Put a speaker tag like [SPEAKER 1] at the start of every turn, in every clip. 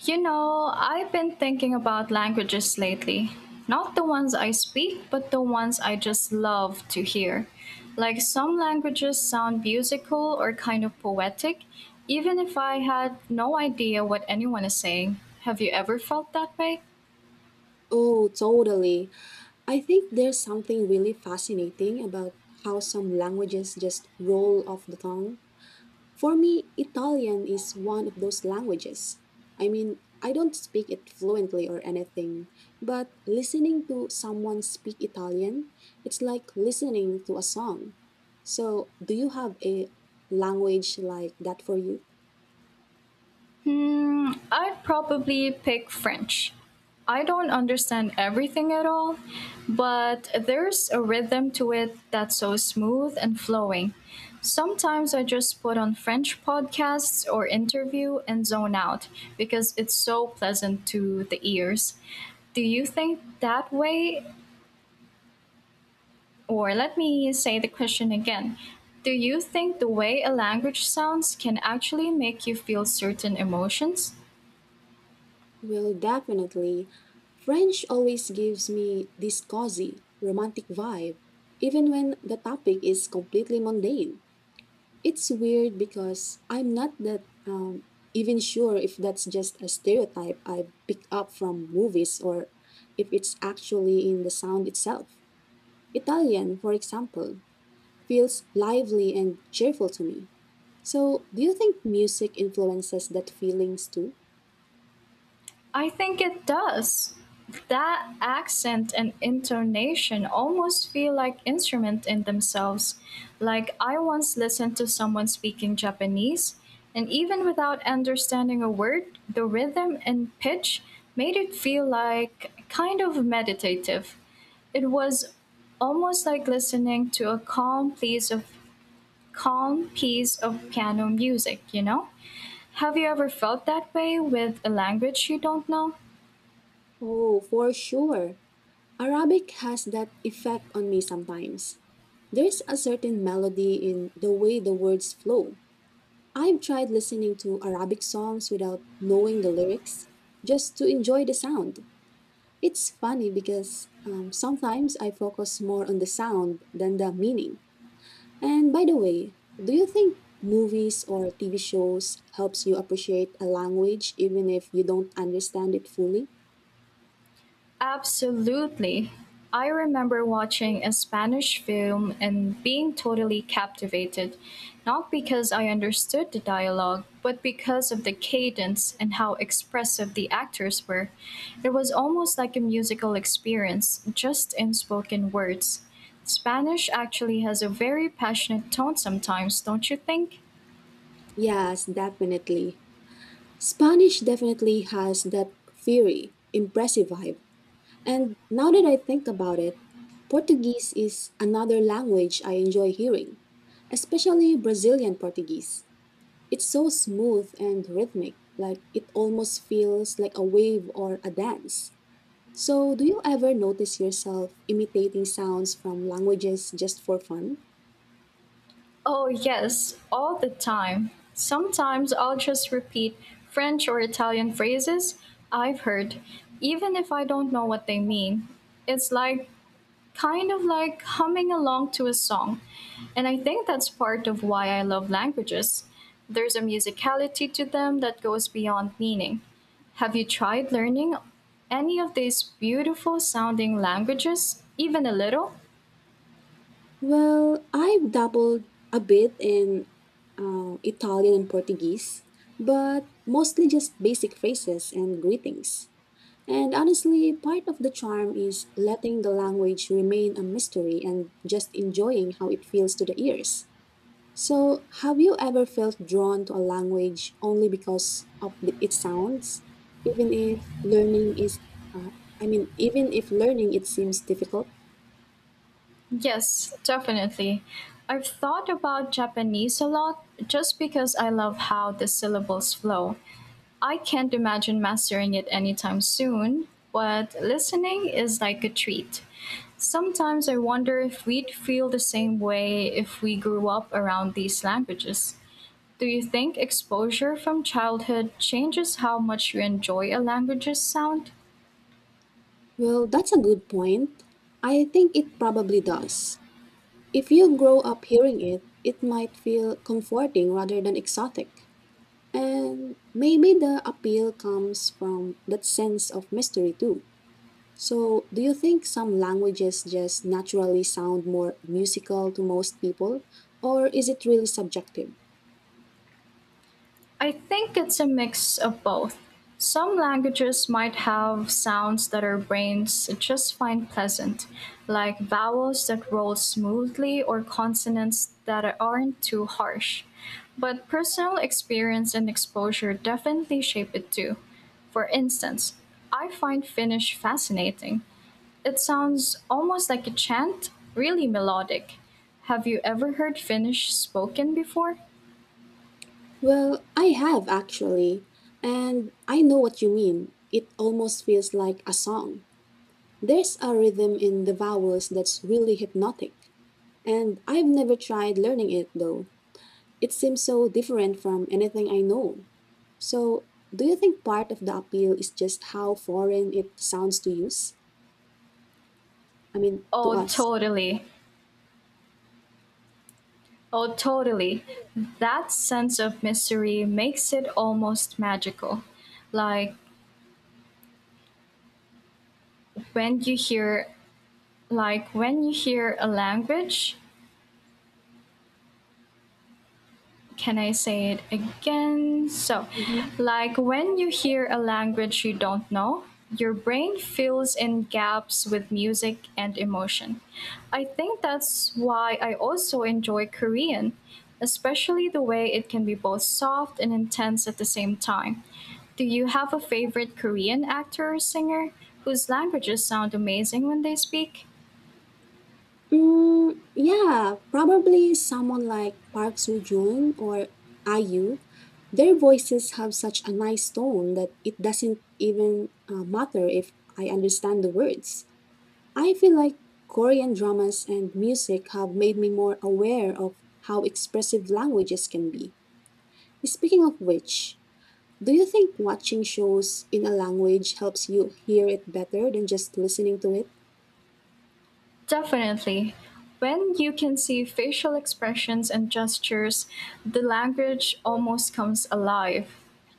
[SPEAKER 1] You know, I've been thinking about languages lately. Not the ones I speak, but the ones I just love to hear. Like some languages sound musical or kind of poetic, even if I had no idea what anyone is saying. Have you ever felt that way?
[SPEAKER 2] Oh, totally. I think there's something really fascinating about how some languages just roll off the tongue. For me, Italian is one of those languages. I mean, I don't speak it fluently or anything, but listening to someone speak Italian, it's like listening to a song. So, do you have a language like that for you?
[SPEAKER 1] Hmm, I'd probably pick French. I don't understand everything at all, but there's a rhythm to it that's so smooth and flowing. Sometimes I just put on French podcasts or interview and zone out because it's so pleasant to the ears. Do you think that way, or let me say the question again, do you think the way a language sounds can actually make you feel certain emotions?
[SPEAKER 2] Well, definitely. French always gives me this cozy, romantic vibe, even when the topic is completely mundane. It's weird because I'm not that even sure if that's just a stereotype I've picked up from movies or if it's actually in the sound itself. Italian, for example, feels lively and cheerful to me. So, do you think music influences that feelings too?
[SPEAKER 1] I think it does. That accent and intonation almost feel like instrument in themselves. Like I once listened to someone speaking Japanese, and even without understanding a word, the rhythm and pitch made it feel like kind of meditative. It was almost like listening to a calm piece of piano music, you know? Have you ever felt that way with a language you don't know?
[SPEAKER 2] Oh, for sure. Arabic has that effect on me sometimes. There's a certain melody in the way the words flow. I've tried listening to Arabic songs without knowing the lyrics, just to enjoy the sound. It's funny because sometimes I focus more on the sound than the meaning. And by the way, do you think movies or TV shows helps you appreciate a language even if you don't understand it fully?
[SPEAKER 1] Absolutely. I remember watching a Spanish film and being totally captivated, not because I understood the dialogue, but because of the cadence and how expressive the actors were. It was almost like a musical experience, just in spoken words. Spanish actually has a very passionate tone sometimes, don't you think?
[SPEAKER 2] Yes, definitely. Spanish definitely has that fiery, impressive vibe. And now that I think about it, Portuguese is another language I enjoy hearing, especially Brazilian Portuguese. It's so smooth and rhythmic, like it almost feels like a wave or a dance. So, do you ever notice yourself imitating sounds from languages just for fun?
[SPEAKER 1] Oh, yes, all the time. Sometimes I'll just repeat French or Italian phrases I've heard, even if I don't know what they mean. It's like kind of like humming along to a song. And I think that's part of why I love languages. There's a musicality to them that goes beyond meaning. Have you tried learning any of these beautiful sounding languages, even a little?
[SPEAKER 2] Well, I've dabbled a bit in Italian and Portuguese, but mostly just basic phrases and greetings. And honestly, part of the charm is letting the language remain a mystery and just enjoying how it feels to the ears. So, have you ever felt drawn to a language only because of the, its sounds, even if learning is, uh, I mean, even if learning it seems difficult?
[SPEAKER 1] Yes, definitely. I've thought about Japanese a lot just because I love how the syllables flow. I can't imagine mastering it anytime soon, but listening is like a treat. Sometimes I wonder if we'd feel the same way if we grew up around these languages. Do you think exposure from childhood changes how much you enjoy a language's sound?
[SPEAKER 2] Well, that's a good point. I think it probably does. If you grow up hearing it, it might feel comforting rather than exotic. And maybe the appeal comes from that sense of mystery too. So, do you think some languages just naturally sound more musical to most people, or is it really subjective?
[SPEAKER 1] I think it's a mix of both. Some languages might have sounds that our brains just find pleasant, like vowels that roll smoothly or consonants that aren't too harsh. But personal experience and exposure definitely shape it too. For instance, I find Finnish fascinating. It sounds almost like a chant, really melodic. Have you ever heard Finnish spoken before?
[SPEAKER 2] Well, I have actually, and I know what you mean. It almost feels like a song. There's a rhythm in the vowels that's really hypnotic, and I've never tried learning it though. It seems so different from anything I know. So, do you think part of the appeal is just how foreign it sounds to use? I mean, to
[SPEAKER 1] Oh,
[SPEAKER 2] us?
[SPEAKER 1] totally. Oh, totally. That sense of mystery makes it almost magical. Like when you hear like when you hear a language can I say it again? So,
[SPEAKER 2] Mhm.
[SPEAKER 1] like when you hear a language you don't know, your brain fills in gaps with music and emotion. I think that's why I also enjoy Korean, especially the way it can be both soft and intense at the same time. Do you have a favorite Korean actor or singer whose languages sound amazing when they speak?
[SPEAKER 2] Mm, yeah, probably someone like Park Soo Joon or IU. Their voices have such a nice tone that it doesn't even matter if I understand the words. I feel like Korean dramas and music have made me more aware of how expressive languages can be. Speaking of which, do you think watching shows in a language helps you hear it better than just listening to it?
[SPEAKER 1] Definitely. When you can see facial expressions and gestures, the language almost comes alive.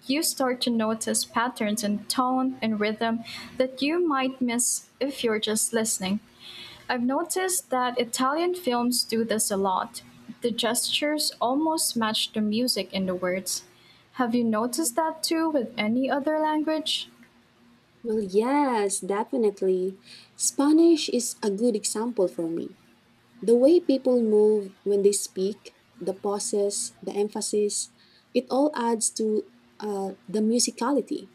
[SPEAKER 1] You start to notice patterns in tone and rhythm that you might miss if you're just listening. I've noticed that Italian films do this a lot. The gestures almost match the music in the words. Have you noticed that too with any other language?
[SPEAKER 2] Well, yes, definitely. Spanish is a good example for me. The way people move when they speak, the pauses, the emphasis, it all adds to the musicality.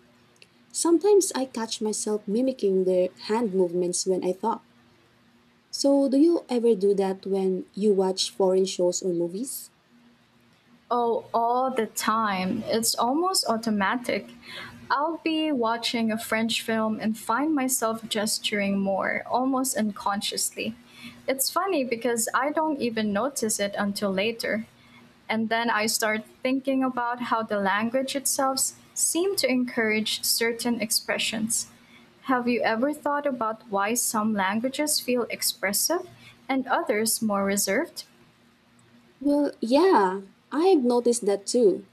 [SPEAKER 2] Sometimes I catch myself mimicking their hand movements when I talk. So, do you ever do that when you watch foreign shows or movies?
[SPEAKER 1] Oh, all the time. It's almost automatic. I'll be watching a French film and find myself gesturing more, almost unconsciously. It's funny because I don't even notice it until later. And then I start thinking about how the language itself seems to encourage certain expressions. Have you ever thought about why some languages feel expressive and others more reserved?
[SPEAKER 2] Well, yeah, I've noticed that too.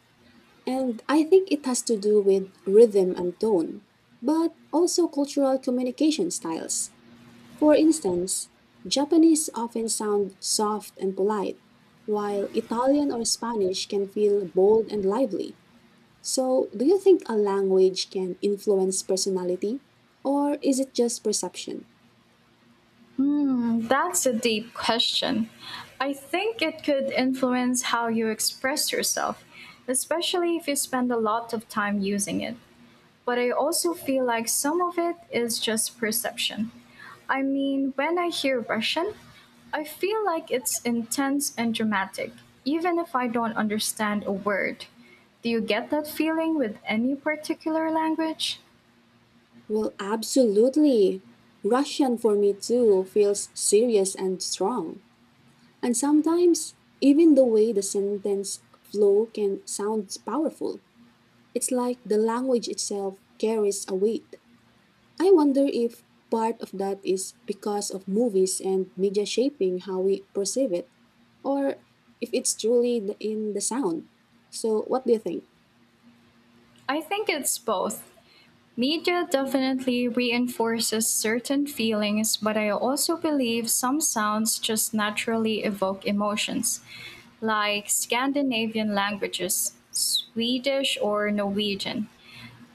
[SPEAKER 2] And I think it has to do with rhythm and tone, but also cultural communication styles. For instance, Japanese often sound soft and polite, while Italian or Spanish can feel bold and lively. So, do you think a language can influence personality, or is it just perception?
[SPEAKER 1] Hmm, that's a deep question. I think it could influence how you express yourself, especially if you spend a lot of time using it. But I also feel like some of it is just perception. I mean, when I hear Russian, I feel like it's intense and dramatic, even if I don't understand a word. Do you get that feeling with any particular language?
[SPEAKER 2] Well, absolutely. Russian for me too feels serious and strong. And sometimes, even the way the sentence flow can sound powerful. It's like the language itself carries a weight. I wonder if part of that is because of movies and media shaping how we perceive it, or if it's in the sound. So, what do you think?
[SPEAKER 1] I think it's both. Media definitely reinforces certain feelings, but I also believe some sounds just naturally evoke emotions, like Scandinavian languages, Swedish or Norwegian.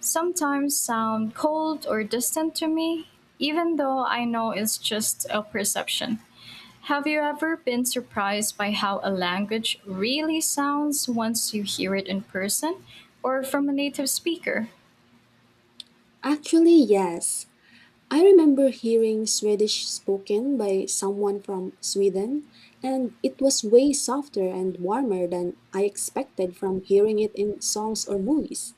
[SPEAKER 1] Sometimes sound cold or distant to me, even though I know it's just a perception. Have you ever been surprised by how a language really sounds once you hear it in person or from a native speaker?
[SPEAKER 2] Actually, yes. I remember hearing Swedish spoken by someone from Sweden, and it was way softer and warmer than I expected from hearing it in songs or movies.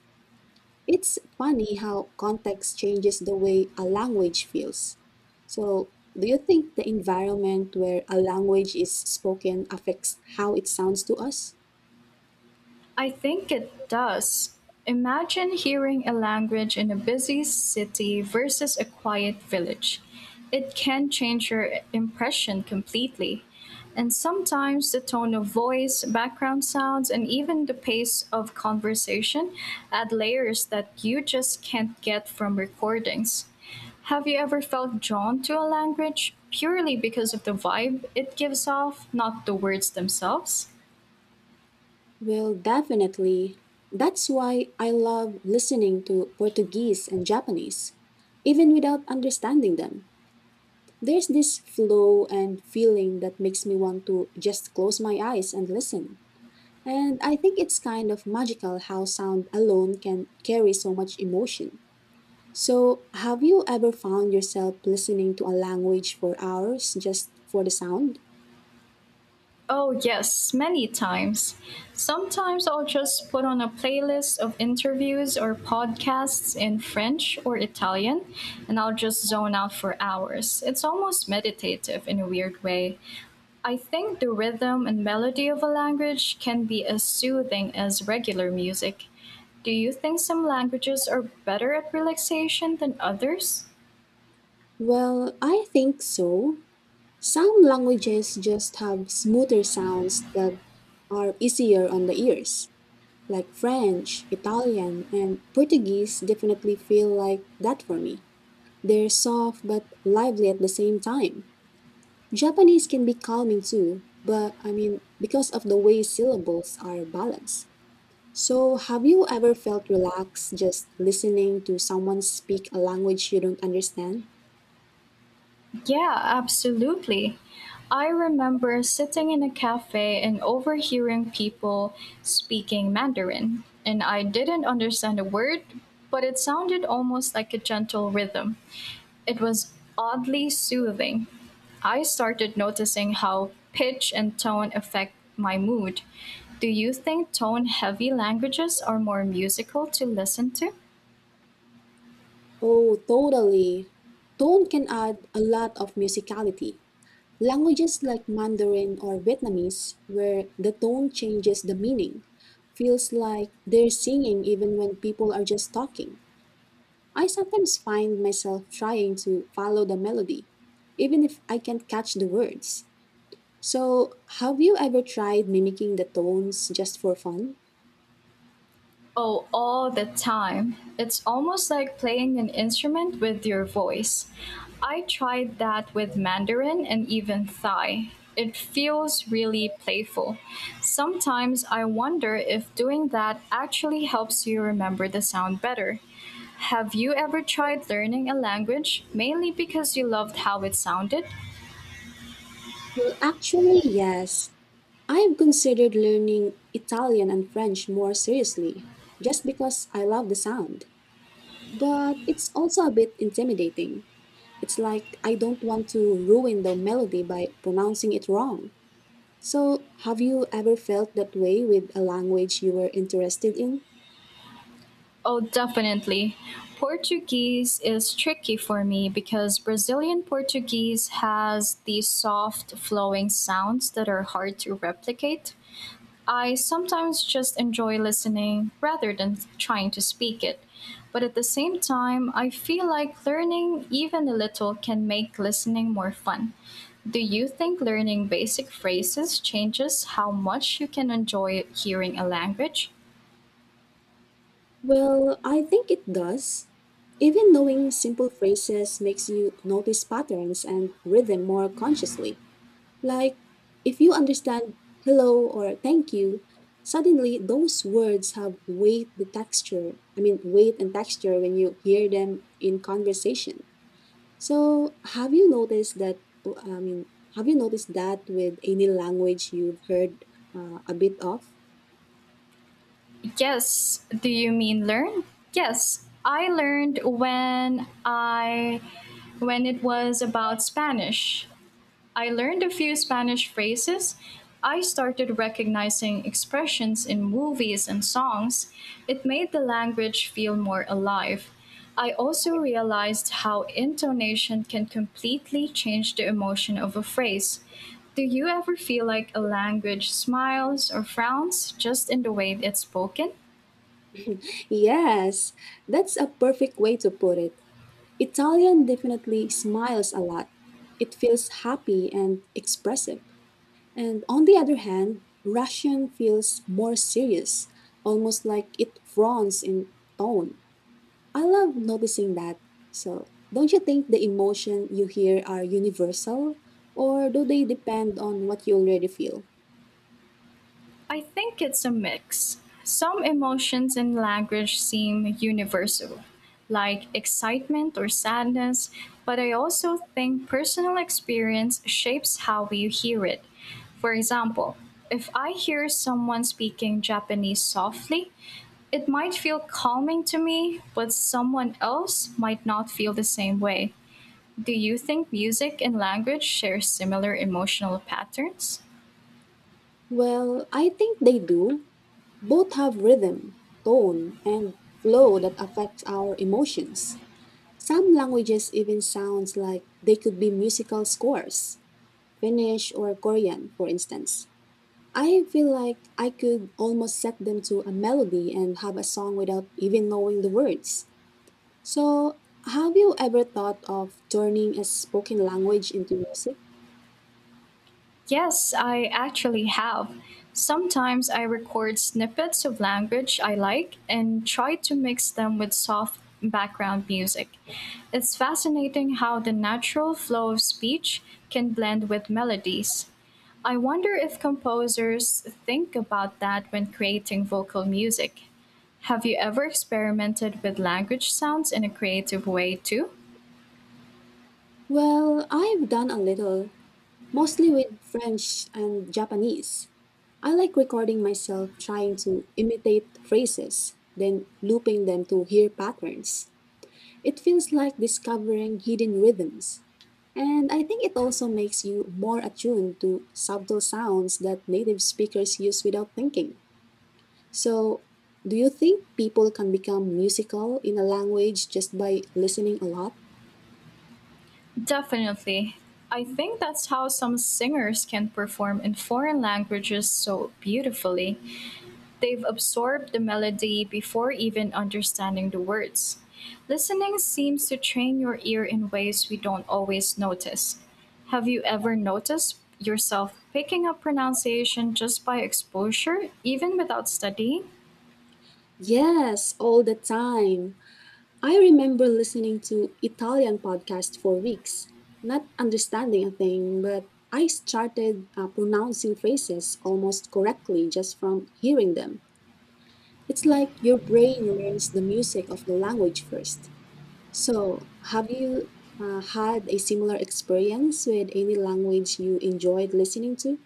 [SPEAKER 2] It's funny how context changes the way a language feels. So, do you think the environment where a language is spoken affects how it sounds to us?
[SPEAKER 1] I think it does. Imagine hearing a language in a busy city versus a quiet village. It can change your impression completely. And sometimes the tone of voice, background sounds, and even the pace of conversation add layers that you just can't get from recordings. Have you ever felt drawn to a language purely because of the vibe it gives off, not the words themselves?
[SPEAKER 2] Well, definitely. That's why I love listening to Portuguese and Japanese, even without understanding them. There's this flow and feeling that makes me want to just close my eyes and listen. And I think it's kind of magical how sound alone can carry so much emotion. So, have you ever found yourself listening to a language for hours just for the sound?
[SPEAKER 1] Oh, yes, many times. Sometimes I'll just put on a playlist of interviews or podcasts in French or Italian, and I'll just zone out for hours. It's almost meditative in a weird way. I think the rhythm and melody of a language can be as soothing as regular music. Do you think some languages are better at relaxation than others?
[SPEAKER 2] Well, I think so. Some languages just have smoother sounds that are easier on the ears, like French, Italian, and Portuguese definitely feel like that for me. They're soft but lively at the same time. Japanese can be calming too, but I mean, because of the way syllables are balanced. So, have you ever felt relaxed just listening to someone speak a language you don't understand?
[SPEAKER 1] Yeah, absolutely. I remember sitting in a cafe and overhearing people speaking Mandarin, and I didn't understand a word, but it sounded almost like a gentle rhythm. It was oddly soothing. I started noticing how pitch and tone affect my mood. Do you think tone heavy languages are more musical to listen to?
[SPEAKER 2] Oh, totally. Tone can add a lot of musicality. Languages like Mandarin or Vietnamese, where the tone changes the meaning, feels like they're singing even when people are just talking. I sometimes find myself trying to follow the melody, even if I can't catch the words. So, have you ever tried mimicking the tones just for fun?
[SPEAKER 1] Oh, all the time. It's almost like playing an instrument with your voice. I tried that with Mandarin and even Thai. It feels really playful. Sometimes I wonder if doing that actually helps you remember the sound better. Have you ever tried learning a language mainly because you loved how it sounded?
[SPEAKER 2] Well, actually, yes. I've considered learning Italian and French more seriously, just because I love the sound. But it's also a bit intimidating. It's like I don't want to ruin the melody by pronouncing it wrong. So, have you ever felt that way with a language you were interested in?
[SPEAKER 1] Oh, definitely. Portuguese is tricky for me because Brazilian Portuguese has these soft, flowing sounds that are hard to replicate. I sometimes just enjoy listening rather than trying to speak it. But at the same time, I feel like learning even a little can make listening more fun. Do you think learning basic phrases changes how much you can enjoy hearing a language?
[SPEAKER 2] Well, I think it does. Even knowing simple phrases makes you notice patterns and rhythm more consciously. Like, if you understand hello or thank you, suddenly those words have weight, the texture, I mean, weight and texture when you hear them in conversation. So, have you noticed that? I mean, have you noticed that with any language you've heard a bit of?
[SPEAKER 1] Yes. Do you mean learn? Yes. I learned when I when it was about Spanish. I learned a few Spanish phrases. I started recognizing expressions in movies and songs. It made the language feel more alive. I also realized how intonation can completely change the emotion of a phrase. Do you ever feel like a language smiles or frowns just in the way it's spoken?
[SPEAKER 2] Yes, that's a perfect way to put it. Italian definitely smiles a lot. It feels happy and expressive. And on the other hand, Russian feels more serious, almost like it frowns in tone. I love noticing that. So, don't you think the emotion you hear are universal, or do they depend on what you already feel?
[SPEAKER 1] I think it's a mix. Some emotions and language seem universal, like excitement or sadness, but I also think personal experience shapes how we hear it. For example, if I hear someone speaking Japanese softly, it might feel calming to me, but someone else might not feel the same way. Do you think music and language share similar emotional patterns?
[SPEAKER 2] Well, I think they do. Both have rhythm, tone, and flow that affects our emotions. Some languages even sounds like they could be musical scores, Finnish or Korean, for instance. I feel like I could almost set them to a melody and have a song without even knowing the words. So, have you ever thought of turning a spoken language into music?
[SPEAKER 1] Yes, I actually have. Sometimes I record snippets of language I like and try to mix them with soft background music. It's fascinating how the natural flow of speech can blend with melodies. I wonder if composers think about that when creating vocal music. Have you ever experimented with language sounds in a creative way too?
[SPEAKER 2] Well, I've done a little, mostly with French and Japanese. I like recording myself trying to imitate phrases, then looping them to hear patterns. It feels like discovering hidden rhythms. And I think it also makes you more attuned to subtle sounds that native speakers use without thinking. So, do you think people can become musical in a language just by listening a lot?
[SPEAKER 1] Definitely. I think that's how some singers can perform in foreign languages so beautifully. They've absorbed the melody before even understanding the words. Listening seems to train your ear in ways we don't always notice. Have you ever noticed yourself picking up pronunciation just by exposure, even without studying?
[SPEAKER 2] Yes, all the time. I remember listening to Italian podcast for weeks, not understanding a thing, but I started pronouncing phrases almost correctly just from hearing them. It's like your brain learns the music of the language first. So, have you had a similar experience with any language you enjoyed listening to?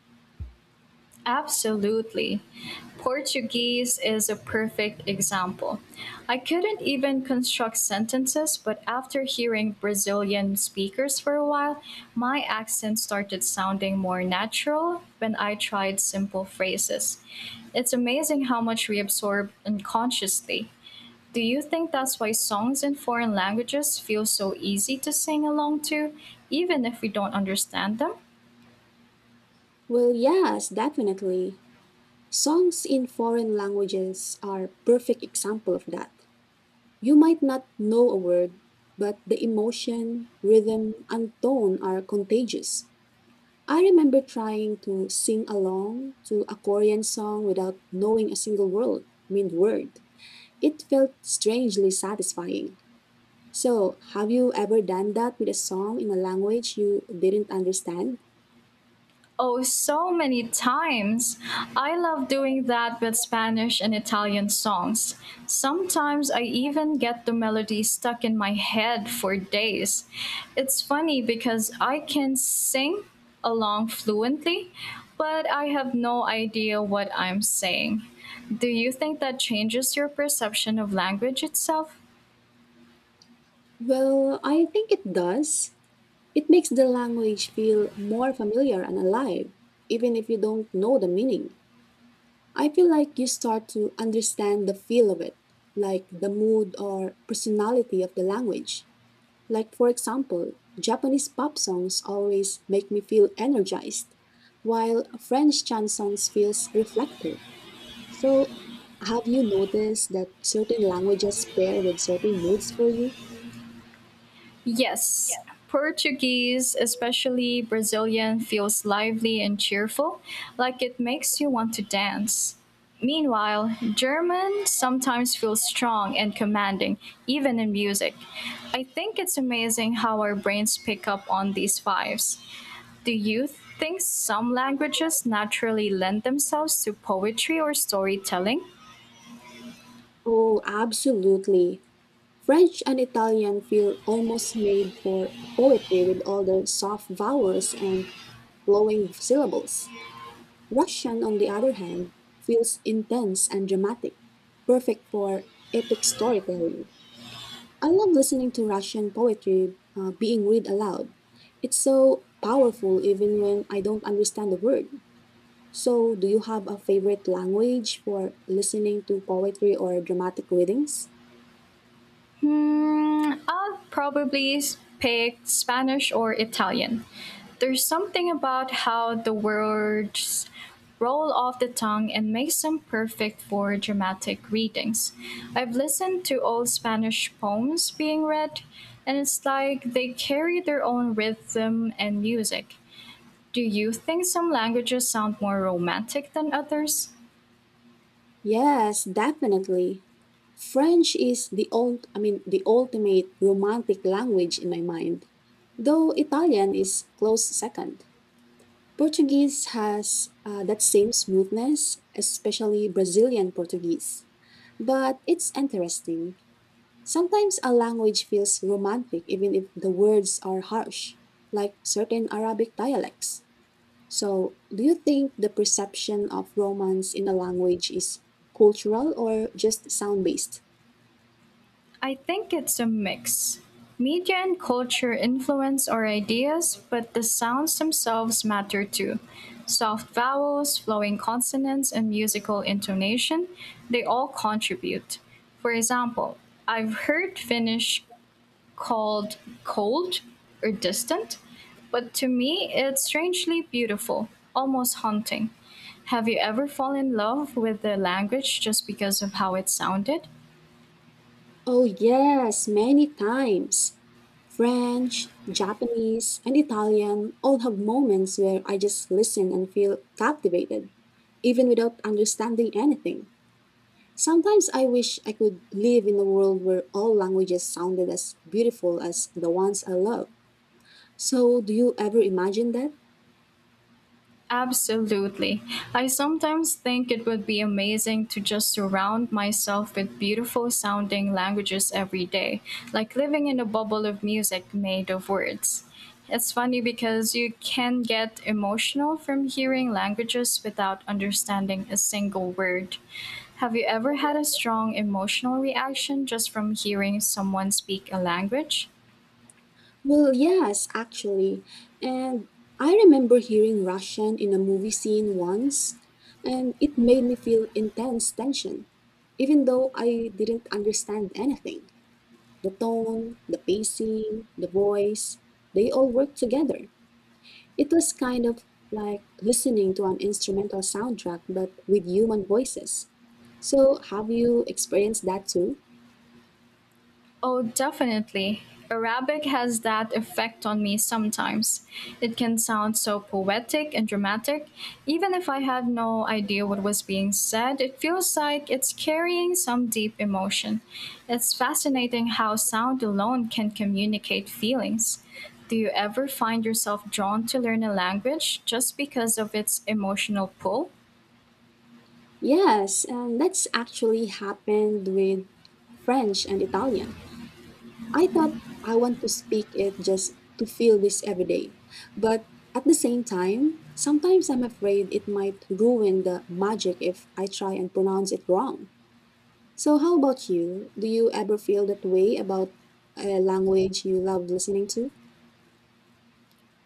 [SPEAKER 1] Absolutely. Portuguese is a perfect example. I couldn't even construct sentences, but after hearing Brazilian speakers for a while, my accent started sounding more natural when I tried simple phrases. It's amazing how much we absorb unconsciously. Do you think that's why songs in foreign languages feel so easy to sing along to, even if we don't understand them?
[SPEAKER 2] Well, yes, definitely. Songs in foreign languages are perfect example of that. You might not know a word, but the emotion, rhythm, and tone are contagious. I remember trying to sing along to a Korean song without knowing a single word, I mean word. It felt strangely satisfying. So, have you ever done that with a song in a language you didn't understand?
[SPEAKER 1] Oh, so many times. I love doing that with Spanish and Italian songs. Sometimes I even get the melody stuck in my head for days. It's funny because I can sing along fluently, but I have no idea what I'm saying. Do you think that changes your perception of language itself?
[SPEAKER 2] Well, I think it does. It makes the language feel more familiar and alive, even if you don't know the meaning. I feel like you start to understand the feel of it, like the mood or personality of the language. Like, for example, Japanese pop songs always make me feel energized, while French chansons feels reflective. So, have you noticed that certain languages pair with certain moods for you?
[SPEAKER 1] Yes, Portuguese, especially Brazilian, feels lively and cheerful, like it makes you want to dance. Meanwhile, German sometimes feels strong and commanding, even in music. I think it's amazing how our brains pick up on these vibes. Do you think some languages naturally lend themselves to poetry or storytelling?
[SPEAKER 2] Oh, absolutely. French and Italian feel almost made for poetry with all the soft vowels and flowing syllables. Russian, on the other hand, feels intense and dramatic, perfect for epic storytelling. I love listening to Russian poetry being read aloud. It's so powerful even when I don't understand the word. So, do you have a favorite language for listening to poetry or dramatic readings?
[SPEAKER 1] Hmm, I'll probably pick Spanish or Italian. There's something about how the words roll off the tongue and makes them perfect for dramatic readings. I've listened to old Spanish poems being read, and it's like they carry their own rhythm and music. Do you think some languages sound more romantic than others?
[SPEAKER 2] Yes, definitely. French is the old, I mean, the ultimate romantic language in my mind, though Italian is close second. Portuguese has that same smoothness, especially Brazilian Portuguese. But it's interesting. Sometimes a language feels romantic even if the words are harsh, like certain Arabic dialects. So, do you think the perception of romance in a language is cultural or just sound based?
[SPEAKER 1] I think it's a mix. Media and culture influence our ideas, but the sounds themselves matter too. Soft vowels, flowing consonants, and musical intonation, they all contribute. For example, I've heard Finnish called cold or distant, but to me it's strangely beautiful, almost haunting. Have you ever fallen in love with the language just because of how it sounded?
[SPEAKER 2] Oh, yes, many times. French, Japanese, and Italian all have moments where I just listen and feel captivated, even without understanding anything. Sometimes I wish I could live in a world where all languages sounded as beautiful as the ones I love. So, do you ever imagine that?
[SPEAKER 1] Absolutely. I sometimes think it would be amazing to just surround myself with beautiful sounding languages every day, like living in a bubble of music made of words. It's funny because you can get emotional from hearing languages without understanding a single word. Have you ever had a strong emotional reaction just from hearing someone speak a language?
[SPEAKER 2] Well, yes, actually. And I remember hearing Russian in a movie scene once, and it made me feel intense tension, even though I didn't understand anything. The tone, the pacing, the voice, they all work together. It was kind of like listening to an instrumental soundtrack, but with human voices. So, have you experienced that too?
[SPEAKER 1] Oh, definitely. Arabic has that effect on me sometimes. It can sound so poetic and dramatic. Even if I had no idea what was being said, it feels like it's carrying some deep emotion. It's fascinating how sound alone can communicate feelings. Do you ever find yourself drawn to learn a language just because of its emotional pull?
[SPEAKER 2] Yes, and that's actually happened with French and Italian. I thought I want to speak it just to feel this every day. But at the same time, sometimes I'm afraid it might ruin the magic if I try and pronounce it wrong. So, how about you? Do you ever feel that way about a language you love listening to?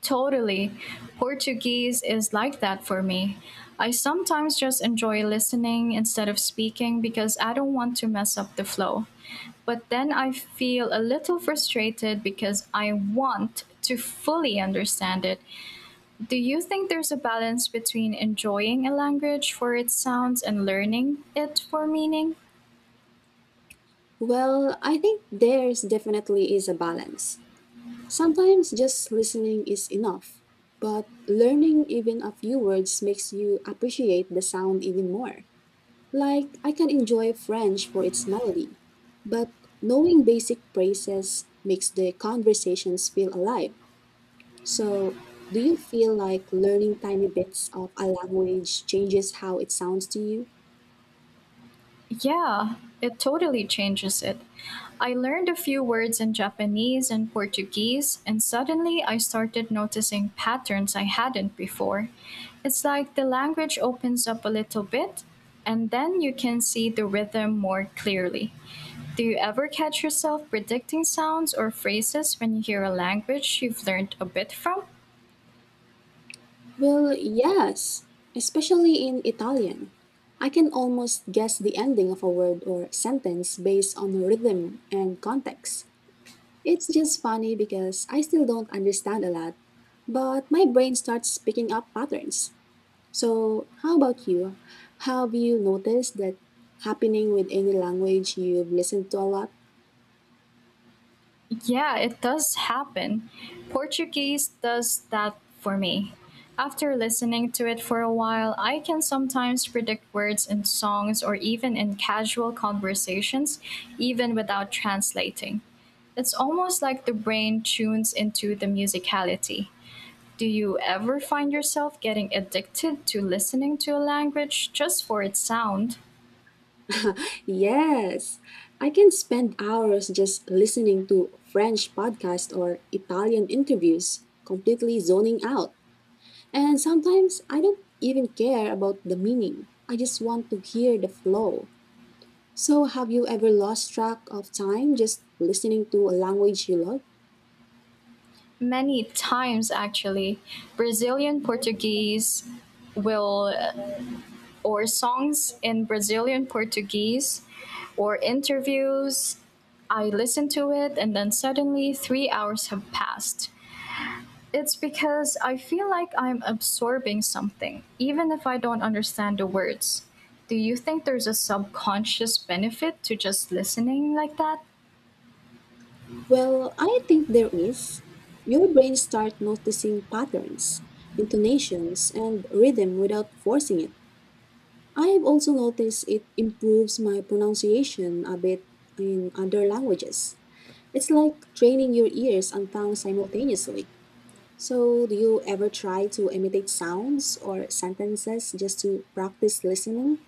[SPEAKER 1] Totally. Portuguese is like that for me. I sometimes just enjoy listening instead of speaking because I don't want to mess up the flow. But then I feel a little frustrated because I want to fully understand it. Do you think there's a balance between enjoying a language for its sounds and learning it for meaning?
[SPEAKER 2] Well, I think there's definitely is a balance. Sometimes just listening is enough, but learning even a few words makes you appreciate the sound even more. Like, I can enjoy French for its melody, but knowing basic phrases makes the conversations feel alive. So, do you feel like learning tiny bits of a language changes how it sounds to you?
[SPEAKER 1] Yeah, it totally changes it. I learned a few words in Japanese and Portuguese, and suddenly I started noticing patterns I hadn't before. It's like the language opens up a little bit, and then you can see the rhythm more clearly. Do you ever catch yourself predicting sounds or phrases when you hear a language you've learned a bit from?
[SPEAKER 2] Well, yes, especially in Italian. I can almost guess the ending of a word or sentence based on rhythm and context. It's just funny because I still don't understand a lot, but my brain starts picking up patterns. So, how about you? Have you noticed that happening with any language you've listened to a lot?
[SPEAKER 1] Yeah, it does happen. Portuguese does that for me. After listening to it for a while, I can sometimes predict words in songs or even in casual conversations, even without translating. It's almost like the brain tunes into the musicality. Do you ever find yourself getting addicted to listening to a language just for its sound?
[SPEAKER 2] Yes, I can spend hours just listening to French podcasts or Italian interviews, completely zoning out. And sometimes I don't even care about the meaning. I just want to hear the flow. So, have you ever lost track of time just listening to a language you love?
[SPEAKER 1] Many times, actually. Brazilian Portuguese will or songs in Brazilian Portuguese or interviews. I listen to it and then suddenly 3 hours have passed. It's because I feel like I'm absorbing something, even if I don't understand the words. Do you think there's a subconscious benefit to just listening like that?
[SPEAKER 2] Well, I think there is. Your brain starts noticing patterns, intonations, and rhythm without forcing it. I've also noticed it improves my pronunciation a bit in other languages. It's like training your ears and tongue simultaneously. So, do you ever try to imitate sounds or sentences just to practice listening?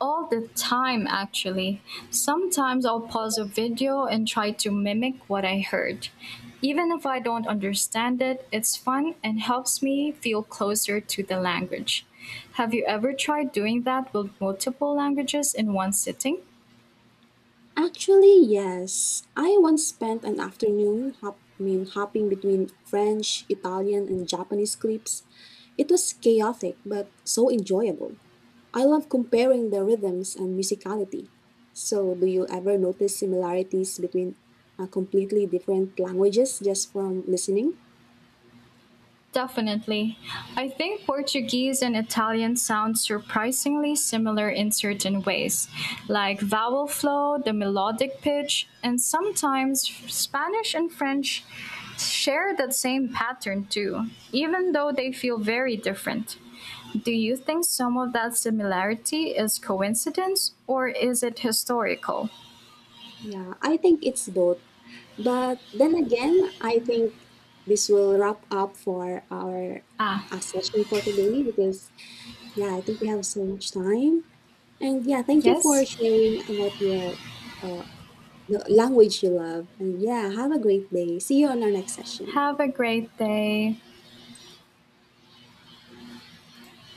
[SPEAKER 1] All the time actually. Sometimes I'll pause a video and try to mimic what I heard. Even if I don't understand it, it's fun and helps me feel closer to the language. Have you ever tried doing that with multiple languages in one sitting?
[SPEAKER 2] Actually, yes. I once spent an afternoon I mean, hopping between French, Italian, and Japanese clips. It was chaotic, but so enjoyable. I love comparing the rhythms and musicality. So, do you ever notice similarities between completely different languages just from listening?
[SPEAKER 1] Definitely. I think Portuguese and Italian sound surprisingly similar in certain ways, like vowel flow, the melodic pitch, and sometimes Spanish and French share that same pattern too, even though they feel very different. Do you think some of that similarity is coincidence or is it historical?
[SPEAKER 2] Yeah, I think it's both. But then again, I think this will wrap up for our
[SPEAKER 1] Ah,
[SPEAKER 2] session for today because, yeah, I think we have so much time. And yeah, thank you for
[SPEAKER 1] yes.
[SPEAKER 2] sharing about your uh, the language you love. And yeah, have a great day. See you on our next session.
[SPEAKER 1] Have a great day.